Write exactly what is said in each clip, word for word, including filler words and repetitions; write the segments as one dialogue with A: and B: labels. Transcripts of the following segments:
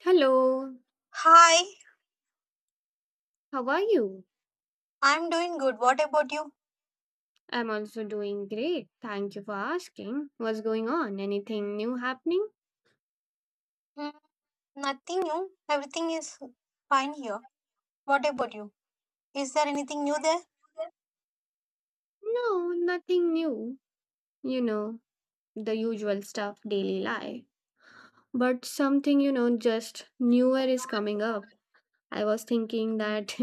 A: Hello,
B: Hi,
A: how are you?
B: I'm doing good. What about you?
A: I'm also doing great. Thank you for asking. What's going on? Anything new happening?
B: Hmm, nothing new. Everything is fine here. What about you? Is there anything new there?
A: No, nothing new. You know, the usual stuff, daily life. But something, you know, just newer is coming up. I was thinking that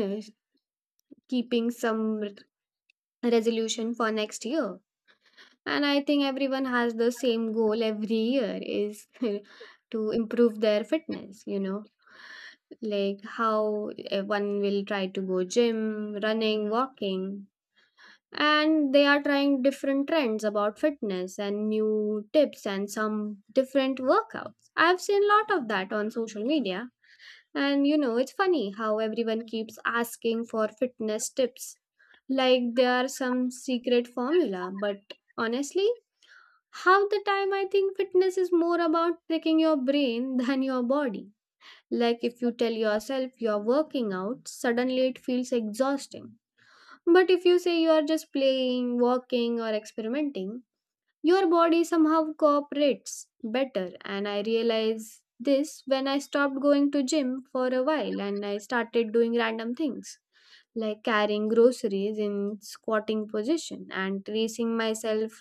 A: keeping some r- resolution for next year. And I think everyone has the same goal every year is to improve their fitness, you know like how uh, one will try to go gym, running, walking. And they are trying different trends about fitness and new tips and some different workouts. I've seen a lot of that on social media. And you know, it's funny how everyone keeps asking for fitness tips like they are some secret formula. But honestly, half the time I think fitness is more about tricking your brain than your body. Like if you tell yourself you're working out, suddenly it feels exhausting. But if you say you are just playing, walking, or experimenting, your body somehow cooperates better. And I realized this when I stopped going to gym for a while and I started doing random things like carrying groceries in squatting position and tracing myself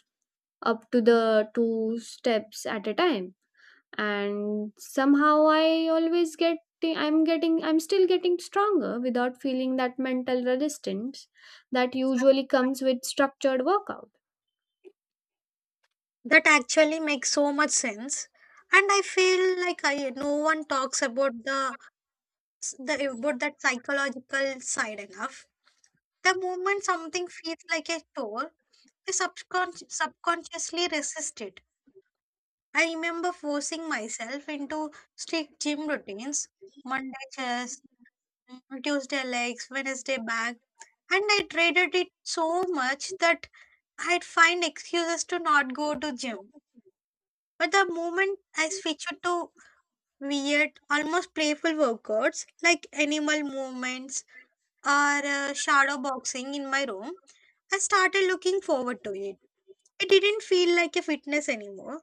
A: up to the two steps at a time, and somehow I always get I'm getting I'm still getting stronger without feeling that mental resistance that usually comes with structured workout.
B: That actually makes so much sense. And I feel like I no one talks about the, the about that psychological side enough. The moment something feels like a chore, I subcon subconsciously resist it. I remember forcing myself into strict gym routines, Monday chest. Mm, Tuesday legs, Wednesday back. And I dreaded it so much that I'd find excuses to not go to gym. But the moment I switched to weird, almost playful workouts like animal movements or uh, shadow boxing in my room, I started looking forward to it. It didn't feel like a fitness anymore.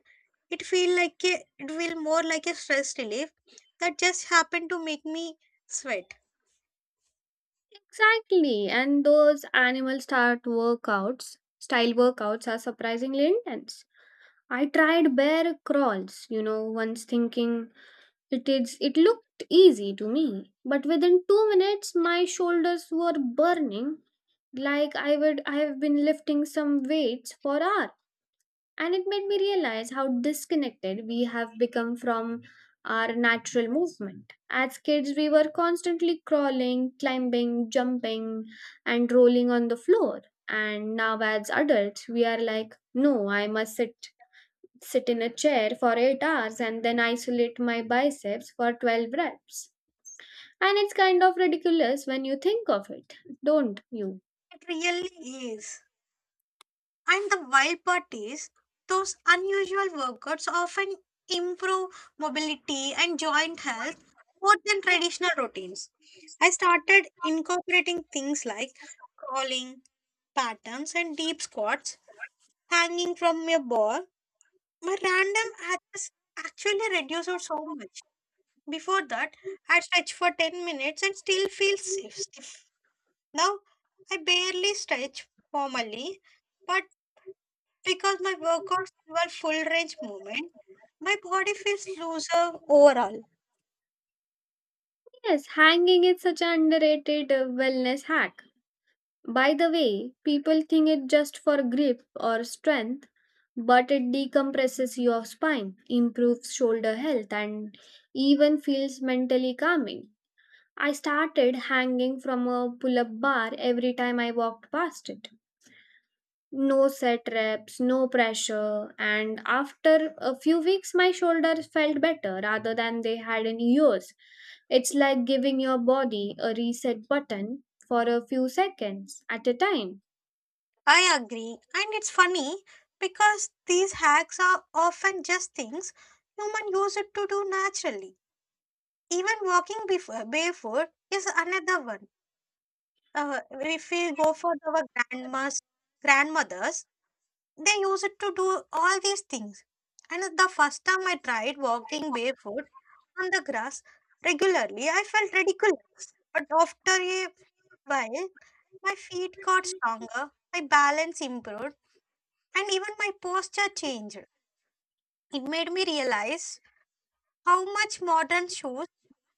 B: It feel like a, it feel more like a stress relief that just happened to make me sweat.
A: Exactly, and those animal start workouts style workouts are surprisingly intense. I tried bear crawls you know once, thinking it is it looked easy to me, but within two minutes my shoulders were burning, like i would i have been lifting some weights for hours. And it made me realize how disconnected we have become from our natural movement. As kids, we were constantly crawling, climbing, jumping, and rolling on the floor. And now, as adults, we are like, no, I must sit sit in a chair for eight hours and then isolate my biceps for twelve reps. And it's kind of ridiculous when you think of it, don't you?
B: It really is. And the wild part is, those unusual workouts often improve mobility and joint health more than traditional routines. I started incorporating things like crawling patterns and deep squats, hanging from a bar. My random acts actually reduced out so much. Before that, I stretch for ten minutes and still feel stiff. stiff. Now, I barely stretch formally, but because my workouts involve full range movement, my body feels looser overall.
A: Yes, hanging is such an underrated uh, wellness hack. By the way, people think it just for grip or strength, but it decompresses your spine, improves shoulder health, and even feels mentally calming. I started hanging from a pull up bar every time I walked past it. No set reps, no pressure, and after a few weeks, my shoulders felt better rather than they had in years. It's like giving your body a reset button for a few seconds at a time.
B: I agree. And it's funny because these hacks are often just things human use it to do naturally. Even walking before, barefoot is another one. Uh, if we go for our grandmas, grandmothers, they use it to do all these things. And the first time I tried walking barefoot on the grass regularly, I felt ridiculous. But after a while, my feet got stronger, my balance improved, and even my posture changed. It made me realize how much modern shoes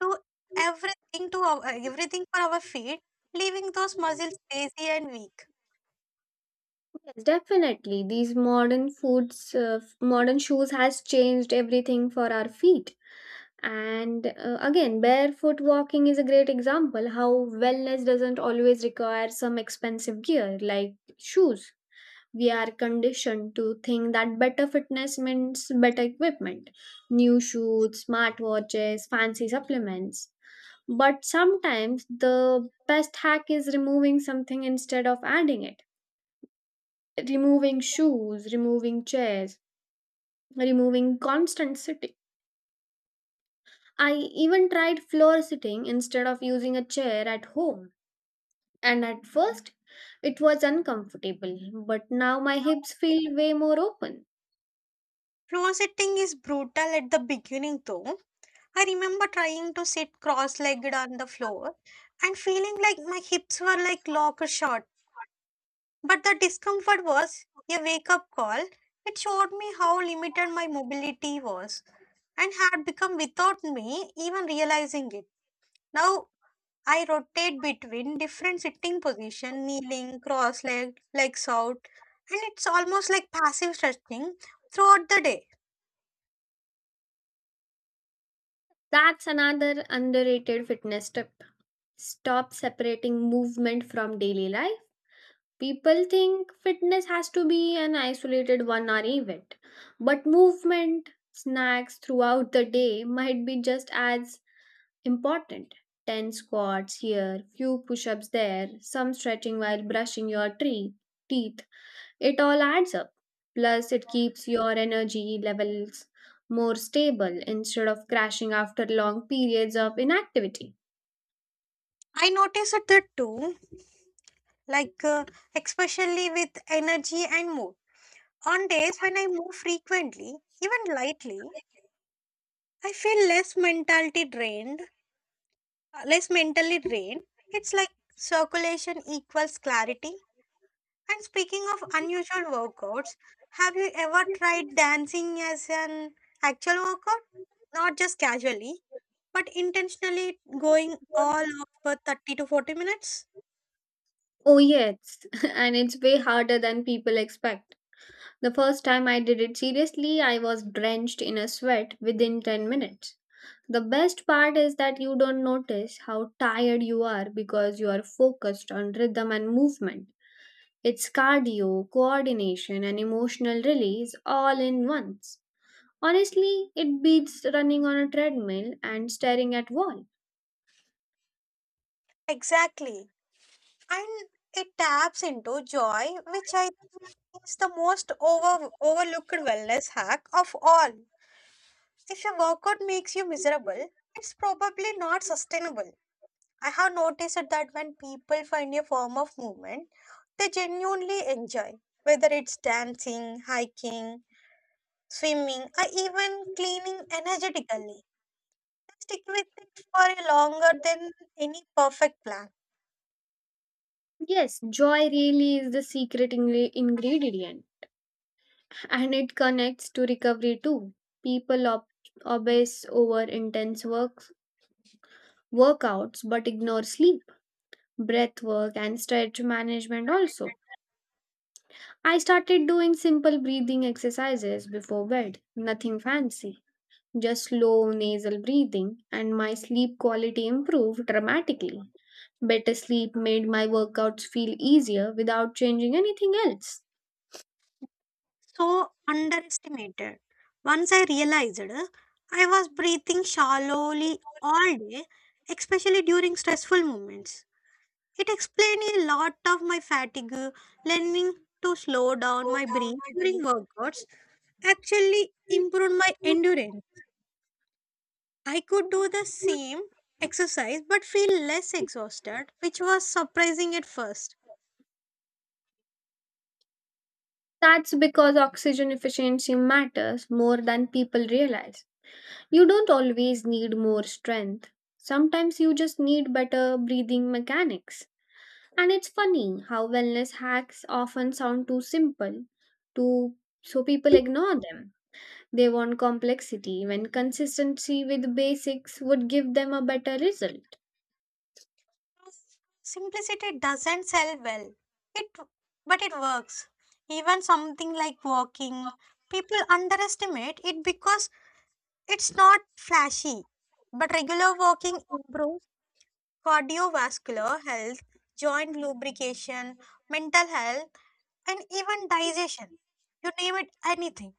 B: do everything to our, everything for our feet, leaving those muscles lazy and weak.
A: Yes, definitely. These modern foods, uh, f- modern shoes has changed everything for our feet. And uh, again, barefoot walking is a great example how wellness doesn't always require some expensive gear like shoes. We are conditioned to think that better fitness means better equipment, new shoes, smartwatches, fancy supplements. But sometimes the best hack is removing something instead of adding it, removing shoes, removing chairs, removing constant sitting. I even tried floor sitting instead of using a chair at home. And at first, it was uncomfortable, but now my hips feel way more open.
B: Floor sitting is brutal at the beginning though, I remember trying to sit cross legged on the floor and feeling like my hips were like locked shut. But the discomfort was a wake up call. It showed me how limited my mobility was and had become without me even realizing it. Now I rotate between different sitting position, kneeling, cross legged, legs out, and it's almost like passive stretching throughout the day.
A: That's another underrated fitness tip. Stop separating movement from daily life. People think fitness has to be an isolated one hour event, but movement, snacks throughout the day might be just as important. ten squats here, few push ups there, some stretching while brushing your tree, teeth. It all adds up. Plus, it keeps your energy levels more stable instead of crashing after long periods of inactivity.
B: I noticed that too, like uh, especially with energy and mood. On days when I move frequently, even lightly, I feel less mentality drained, uh, less mentally drained. It's like circulation equals clarity. And speaking of unusual workouts, have you ever tried dancing as an actual workout? Not just casually, but intentionally going all over thirty to forty minutes?
A: Oh, yes, and it's way harder than people expect. The first time I did it seriously, I was drenched in a sweat within ten minutes. The best part is that you don't notice how tired you are because you are focused on rhythm and movement. It's cardio, coordination, and emotional release all in once. Honestly, it beats running on a treadmill and staring at wall.
B: Exactly. And it taps into joy, which I think is the most over, overlooked wellness hack of all. If your workout makes you miserable, it's probably not sustainable. I have noticed that when people find a form of movement they genuinely enjoy, whether it's dancing, hiking, swimming, or even cleaning energetically, they stick with it for longer than any perfect plan.
A: Yes, joy really is the secret ingre- ingredient, and it connects to recovery too. People ob- obsess over intense work workouts but ignore sleep, breath work and stretch management also. I started doing simple breathing exercises before bed, nothing fancy, just slow nasal breathing, and my sleep quality improved dramatically. Better sleep made my workouts feel easier without changing anything else.
B: So underestimated. Once I realized uh, I was breathing shallowly all day, especially during stressful moments. It explained a lot of my fatigue, learning to slow down my breath during workouts actually improved my endurance. I could do the same exercise but feel less exhausted, which was surprising at first.
A: That's because oxygen efficiency matters more than people realize. You don't always need more strength, sometimes you just need better breathing mechanics. And it's funny how wellness hacks often sound too simple, too, so people ignore them. They want complexity when consistency with basics would give them a better result.
B: Simplicity doesn't sell well. It But it works. Even something like walking, people underestimate it because it's not flashy. But regular walking improves cardiovascular health, joint lubrication, mental health, and even digestion. You name it anything.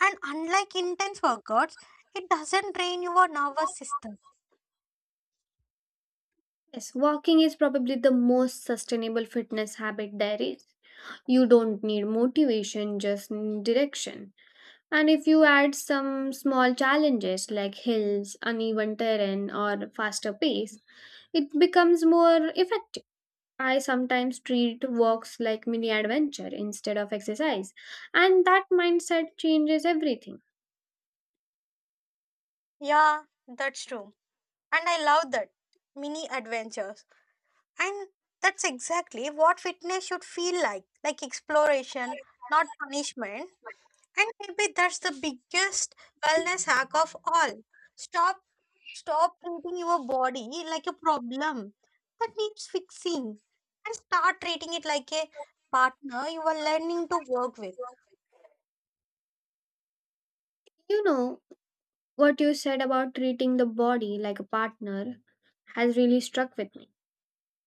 B: And unlike intense workouts, it doesn't drain your nervous system.
A: Yes, walking is probably the most sustainable fitness habit there is. You don't need motivation, just need direction. And if you add some small challenges like hills, uneven terrain, or faster pace, it becomes more effective. I sometimes treat walks like mini adventure instead of exercise, and that mindset changes everything.
B: Yeah, that's true. And I love that. Mini adventures. And that's exactly what fitness should feel like like exploration, not punishment. And maybe that's the biggest wellness hack of all. Stop Stop treating your body like a problem that needs fixing and start treating it like a partner you are learning to work with.
A: You know, what you said about treating the body like a partner has really struck with me,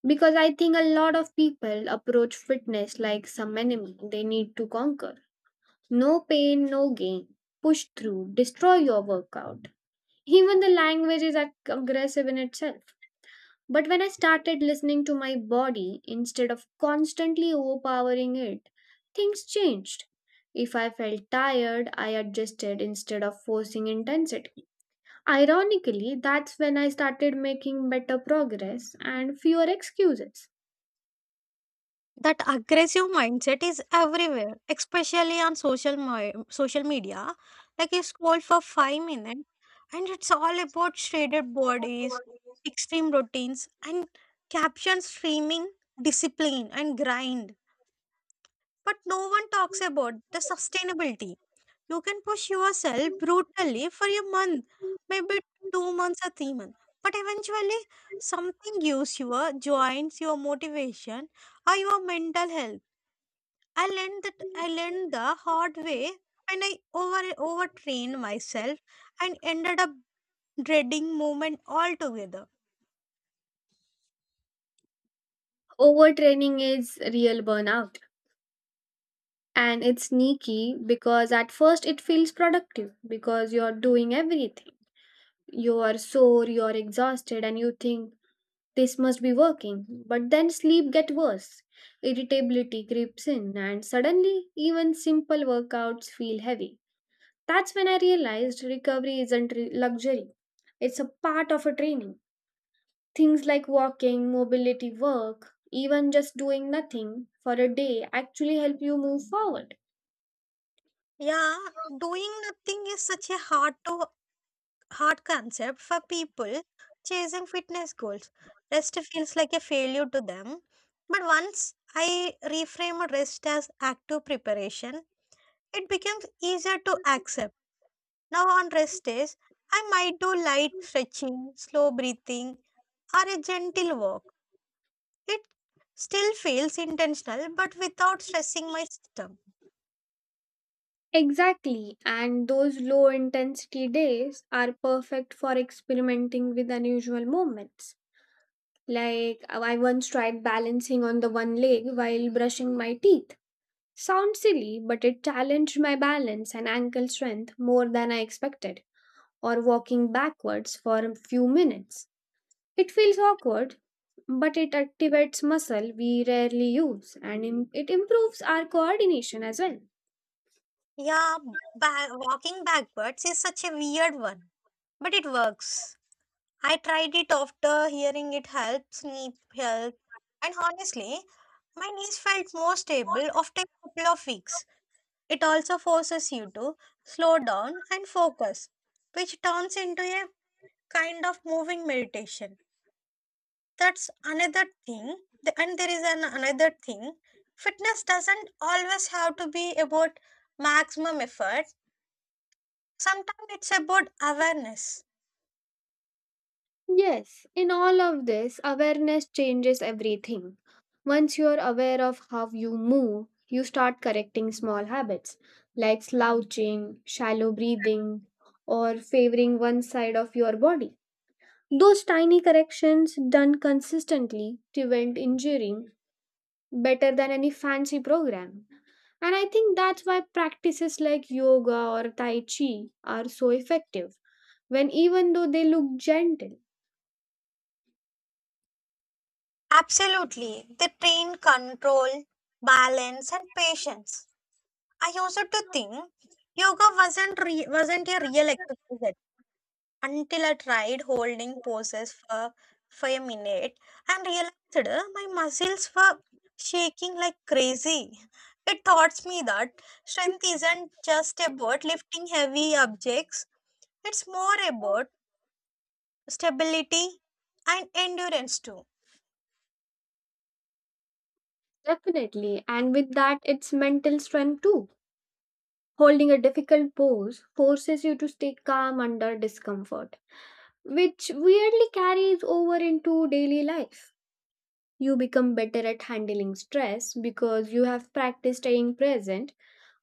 A: because I think a lot of people approach fitness like some enemy they need to conquer. No pain, no gain. Push through, destroy your workout. Even the language is ag- aggressive in itself. But when I started listening to my body instead of constantly overpowering it, things changed. If I felt tired, I adjusted instead of forcing intensity. Ironically, that's when I started making better progress and fewer excuses.
B: That aggressive mindset is everywhere, especially on social mi- social media. Like you scroll for five minutes and it's all about shredded bodies, extreme routines and captions screaming discipline and grind, but no one talks about the sustainability. You can push yourself brutally for a month, maybe two months or three months, but eventually something gives, your joints, your motivation, or your mental health. I learned that I learned the hard way, and I over overtrained myself and ended up dreading movement altogether.
A: Overtraining is real burnout, and it's sneaky because at first it feels productive because you're doing everything. You are sore, you're exhausted, and you think this must be working, but then sleep get worse. Irritability creeps in, and suddenly even simple workouts feel heavy. That's when I realized recovery isn't re- luxury, it's a part of a training. Things like walking, mobility work, even just doing nothing for a day actually help you move forward.
B: Yeah, doing nothing is such a hard to hard concept for people chasing fitness goals. Rest feels like a failure to them. But once I reframe rest as active preparation, it becomes easier to accept. Now on rest days, I might do light stretching, slow breathing, or a gentle walk. It still feels intentional, but without stressing my system.
A: Exactly, and those low intensity days are perfect for experimenting with unusual movements. Like, uh, I once tried balancing on the one leg while brushing my teeth. Sounds silly, but it challenged my balance and ankle strength more than I expected. Or walking backwards for a few minutes. It feels awkward, but it activates muscle we rarely use and im- it improves our coordination as well.
B: Yeah, ba- walking backwards is such a weird one, but it works. I tried it after hearing it helps knee health, and honestly, my knees felt more stable after a couple of weeks. It also forces you to slow down and focus, which turns into a kind of moving meditation. That's another thing The- and there is an another thing, fitness doesn't always have to be about maximum effort, sometimes it's about awareness.
A: Yes, in all of this, awareness changes everything. Once you're aware of how you move, you start correcting small habits like slouching, shallow breathing, or favoring one side of your body. Those tiny corrections done consistently prevent injuring better than any fancy program. And I think that's why practices like yoga or tai chi are so effective when even though they look gentle.
B: Absolutely, they train control, balance and patience. I also to think yoga wasn't re- wasn't a real exercise until I tried holding poses for, for a minute and realized uh, my muscles were shaking like crazy. It taught me that strength isn't just about lifting heavy objects, it's more about stability and endurance too.
A: Definitely. And with that, it's mental strength too. Holding a difficult pose forces you to stay calm under discomfort, which weirdly carries over into daily life. You become better at handling stress because you have practiced staying present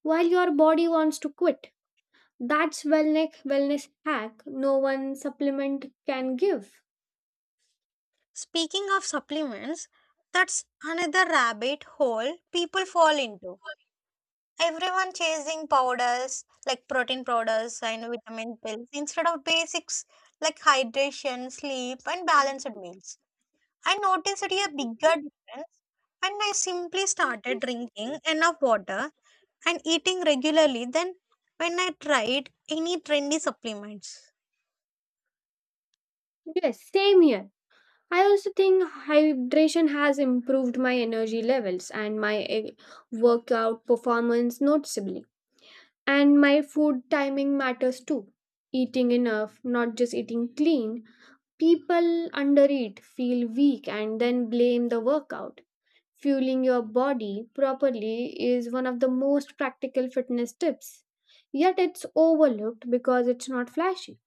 A: while your body wants to quit. That's wellness wellness hack no one supplement can give.
B: Speaking of supplements, that's another rabbit hole people fall into. Everyone chasing powders like protein powders and vitamin pills instead of basics like hydration, sleep, and balanced meals. I noticed a bigger difference when I simply started drinking enough water and eating regularly than when I tried any trendy supplements.
A: Yes, same here. I also think hydration has improved my energy levels and my eh, workout performance noticeably. And my food timing matters too. Eating enough, not just eating clean. People undereat, feel weak, and then blame the workout. Fueling your body properly is one of the most practical fitness tips. Yet it's overlooked because it's not flashy.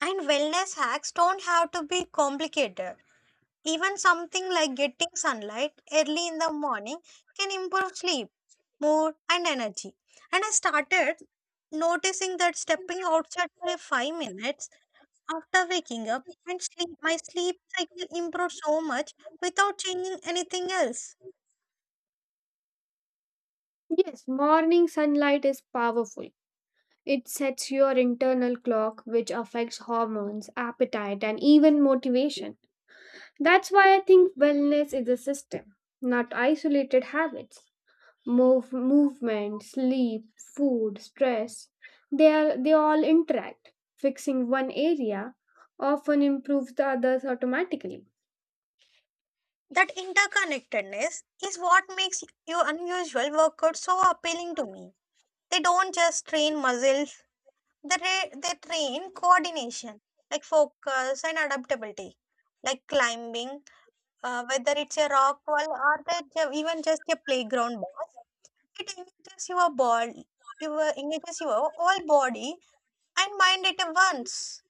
B: And wellness hacks don't have to be complicated. Even something like getting sunlight early in the morning can improve sleep, mood, and energy. And I started noticing that stepping outside for a five minutes after waking up and sleep, my sleep cycle improved so much without changing anything else.
A: Yes, morning sunlight is powerful. It sets your internal clock, which affects hormones, appetite, and even motivation. That's why I think wellness is a system, not isolated habits. Move, movement, sleep, food, stress, they, are, they all interact. Fixing one area often improves the others automatically.
B: That interconnectedness is what makes your unusual workouts so appealing to me. They don't just train muscles They, tra- they train coordination, like focus and adaptability, like climbing, uh, whether it's a rock wall or that ju- even just a playground bus. It engages your body, your engages your whole body and mind at once.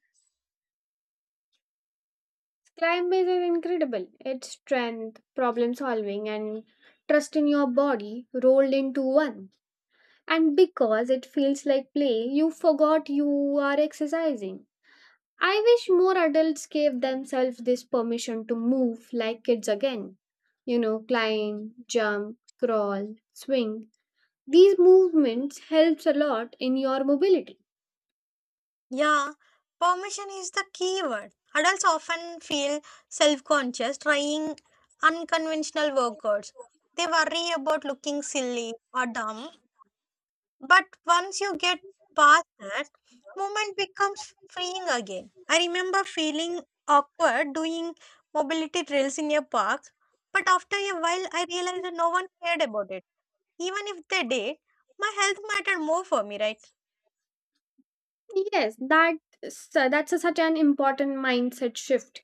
A: Climb base is incredible. It's strength, problem solving, and trust in your body rolled into one. And because it feels like play, you forgot you are exercising. I wish more adults gave themselves this permission to move like kids again. You know, climb, jump, crawl, swing. These movements helps a lot in your mobility.
B: Yeah, permission is the key word. Adults often feel self-conscious trying unconventional workouts. They worry about looking silly or dumb. But once you get past that, movement becomes freeing again. I remember feeling awkward doing mobility drills in a park, but after a while, I realized that no one cared about it. Even if they did, my health mattered more for me, right?
A: Yes, that so that's a, such an important mindset shift.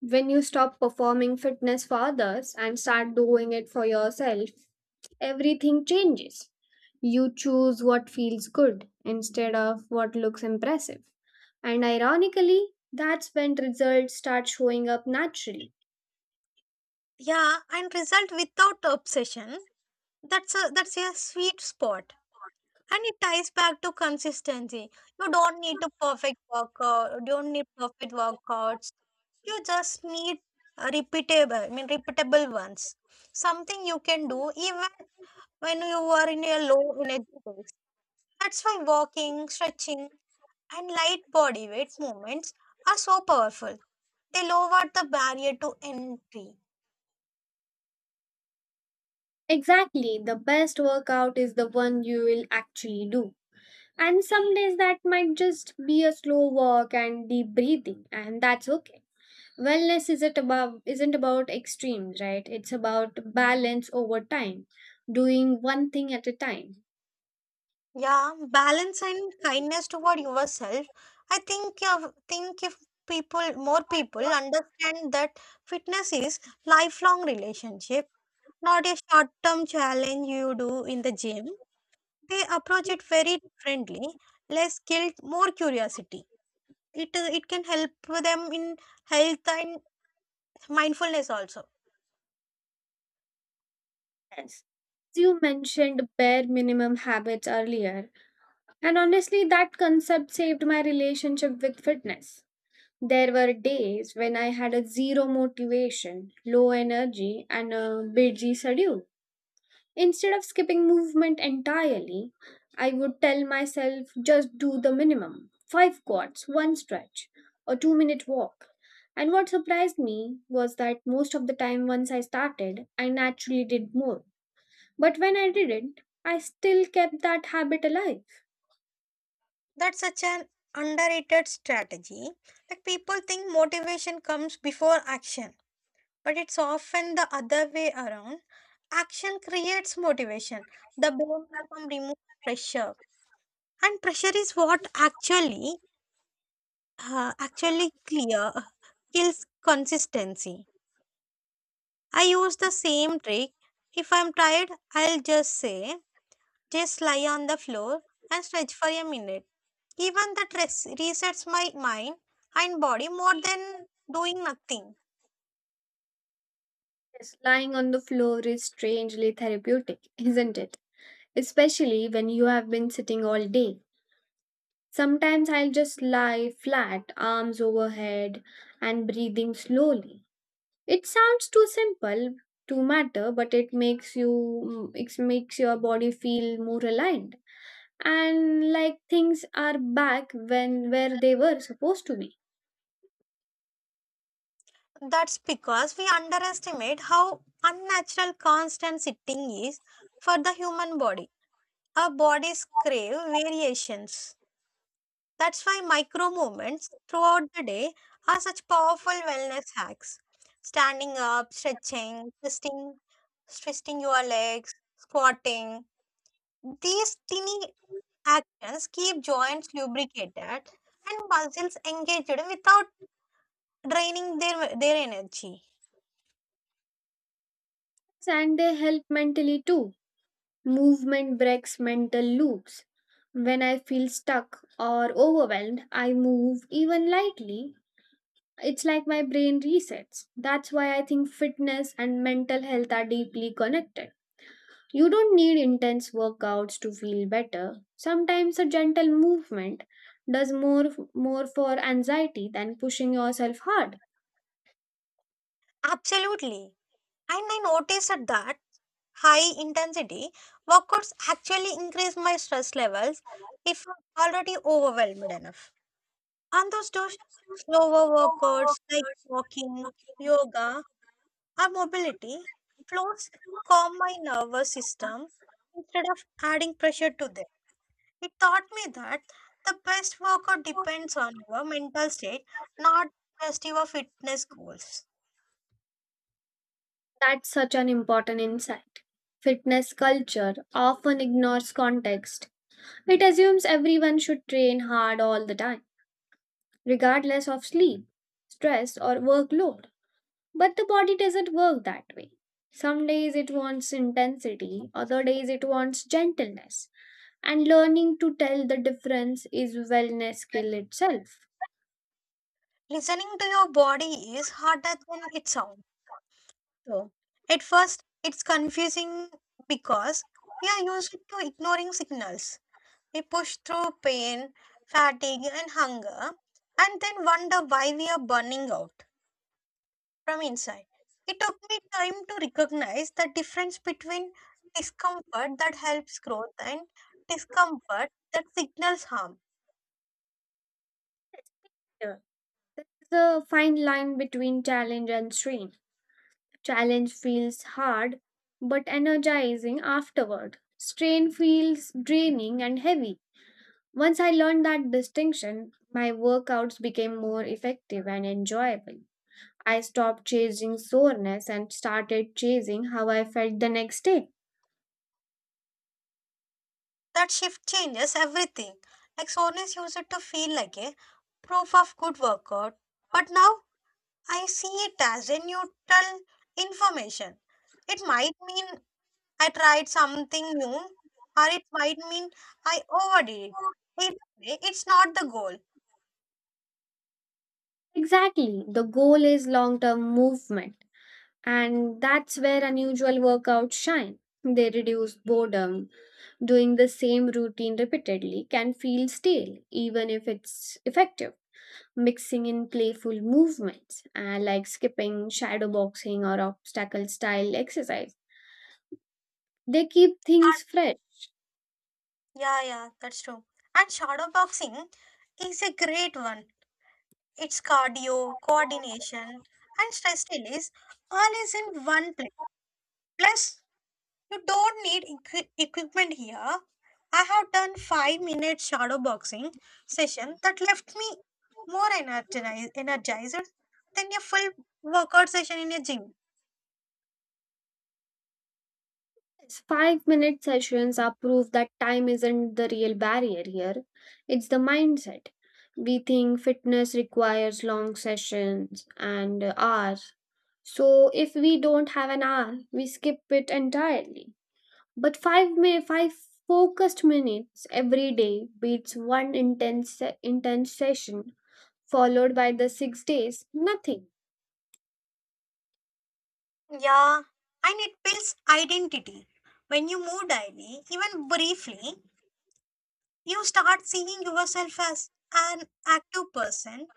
A: When you stop performing fitness for others and start doing it for yourself, everything changes. You choose what feels good instead of what looks impressive. And ironically, that's when results start showing up naturally.
B: Yeah, and result without obsession. That's a that's a sweet spot, and it ties back to consistency. You don't need to perfect workout. You don't need perfect workouts, you just need a repeatable i mean repeatable ones, something you can do even when you are in a low energy phase. That's why walking, stretching and light body weight movements are so powerful, they lower the barrier to entry.
A: Exactly, the best workout is the one you will actually do. And some days that might just be a slow walk and deep breathing, and that's okay. Wellness isn't about isn't about extremes, right? It's about balance over time, doing one thing at a time.
B: Yeah, balance and kindness toward yourself. I think uh, think if people more people understand that fitness is lifelong relationship, not a short term challenge you do in the gym, they approach it very differently, less guilt, more curiosity. It uh, it can help them in health and mindfulness also.
A: Yes. You mentioned bare minimum habits earlier, and honestly, that concept saved my relationship with fitness. There were days when I had a zero motivation, low energy, and a busy schedule. Instead of skipping movement entirely, I would tell myself just do the minimum five squats, one stretch, a two minute walk. And what surprised me was that most of the time, once I started, I naturally did more, but when I didn't, I still kept that habit alive.
B: That's such an underrated strategy. Like people think motivation comes before action, but it's often the other way around. Action creates motivation, the brain removes pressure, and pressure is what actually uh, actually clear kills consistency. I use the same trick. If I'm tired, I'll just say, just lie on the floor and stretch for a minute. Even that res- resets my mind and body more than doing nothing.
A: Yes, lying on the floor is strangely therapeutic, isn't it? Especially when you have been sitting all day. Sometimes I'll just lie flat, arms overhead, and breathing slowly. It sounds too simple to matter, but it makes you mm, it makes your body feel more aligned and like things are back when where they were supposed to be.
B: That's because we underestimate how unnatural constant sitting is for the human body. Our bodies crave variations. That's why micro movements throughout the day are such powerful wellness hacks. Standing up, stretching, twisting, twisting your legs, squatting. These tiny actions keep joints lubricated and muscles engaged without draining their, their energy.
A: And they help mentally too. Movement breaks mental loops. When I feel stuck or overwhelmed, I move even lightly. It's like my brain resets. That's why I think fitness and mental health are deeply connected. You don't need intense workouts to feel better. Sometimes a gentle movement does more more for anxiety than pushing yourself hard.
B: Absolutely. And I noticed that high intensity workouts actually increase my stress levels if I'm already overwhelmed enough. And those do Slower workouts like walking, yoga, or mobility flows calm my nervous system instead of adding pressure to them. It taught me that the best workout depends on your mental state, not just your fitness goals.
A: That's such an important insight. Fitness culture often ignores context. It assumes everyone should train hard all the time, regardless of sleep, stress, or workload. But the body doesn't work that way. Some days it wants intensity, other days it wants gentleness. And learning to tell the difference is wellness skill itself.
B: Listening to your body is harder than it sounds. So, at first, it's confusing because we are used to ignoring signals. We push through pain, fatigue, and hunger, and then wonder why we are burning out from inside. It took me time to recognize the difference between discomfort that helps growth and discomfort that signals harm.
A: Yeah. The fine line between challenge and strain. Challenge feels hard but energizing afterward. Strain feels draining and heavy. Once I learned that distinction, my workouts became more effective and enjoyable. I stopped chasing soreness and started chasing how I felt the next day.
B: That shift changes everything. Like soreness used to feel like a proof of good workout, but now I see it as a neutral information. It might mean I tried something new, or it might mean I overdid it. Either way, it's not the goal.
A: Exactly, the goal is long term movement, and that's where unusual workouts shine. They reduce boredom. Doing the same routine repeatedly can feel stale, even if it's effective. Mixing in playful movements uh, like skipping, shadow boxing, or obstacle style exercise. They keep things fresh.
B: Yeah, yeah, that's true. And shadow boxing is a great one. It's cardio, coordination, and stress release all is in one place. Plus, you don't need equi- equipment here. I have done five minute shadow boxing session that left me more energized, energized than a full workout session in a gym.
A: Five minute sessions are proof that time isn't the real barrier here, it's the mindset. We think fitness requires long sessions and uh, hours. So if we don't have an hour, we skip it entirely. But five mi- five focused minutes every day beats one intense se- intense session followed by the six days nothing.
B: Yeah, and it builds identity. When you move daily, even briefly, you start seeing yourself as an active person.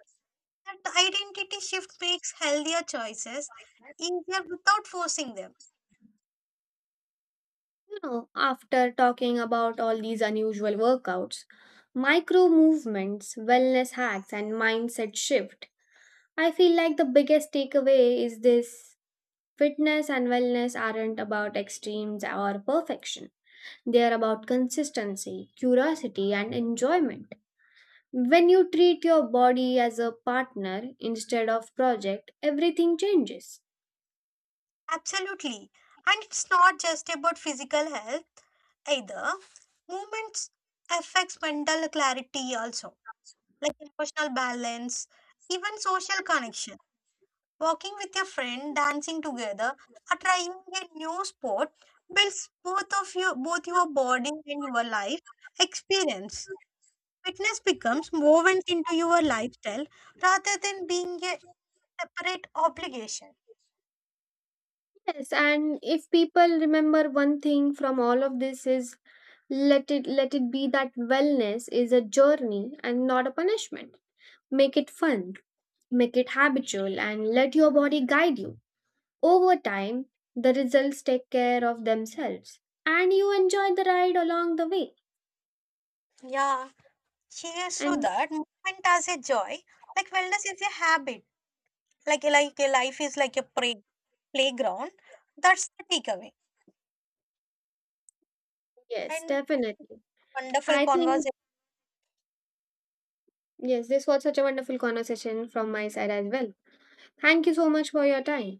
B: That identity shift makes healthier choices easier without forcing them.
A: Now, after talking about all these unusual workouts, micro movements, wellness hacks, and mindset shift, I feel like the biggest takeaway is this: fitness and wellness aren't about extremes or perfection. They are about consistency, curiosity, and enjoyment. When you treat your body as a partner instead of project, everything changes.
B: Absolutely. And it's not just about physical health either. Movement affects mental clarity also, like emotional balance, even social connection. Walking with your friend, dancing together, or trying a new sport builds both of you both your body and your life experience. Fitness becomes woven into your lifestyle rather than being a separate obligation.
A: Yes, and if people remember one thing from all of this is let it let it be that wellness is a journey and not a punishment. Make it fun, make it habitual and let your body guide you. Over time, the results take care of themselves and you enjoy the ride along the way.
B: Yeah. Cheers to
A: And
B: that. Movement as a joy. Like wellness is a habit. Like like a life is like a play, playground. That's the takeaway.
A: yes,
B: And
A: definitely.
B: wonderful
A: I think
B: conversation.
A: yes, this was such a wonderful conversation from my side as well. Thank you so much for your time.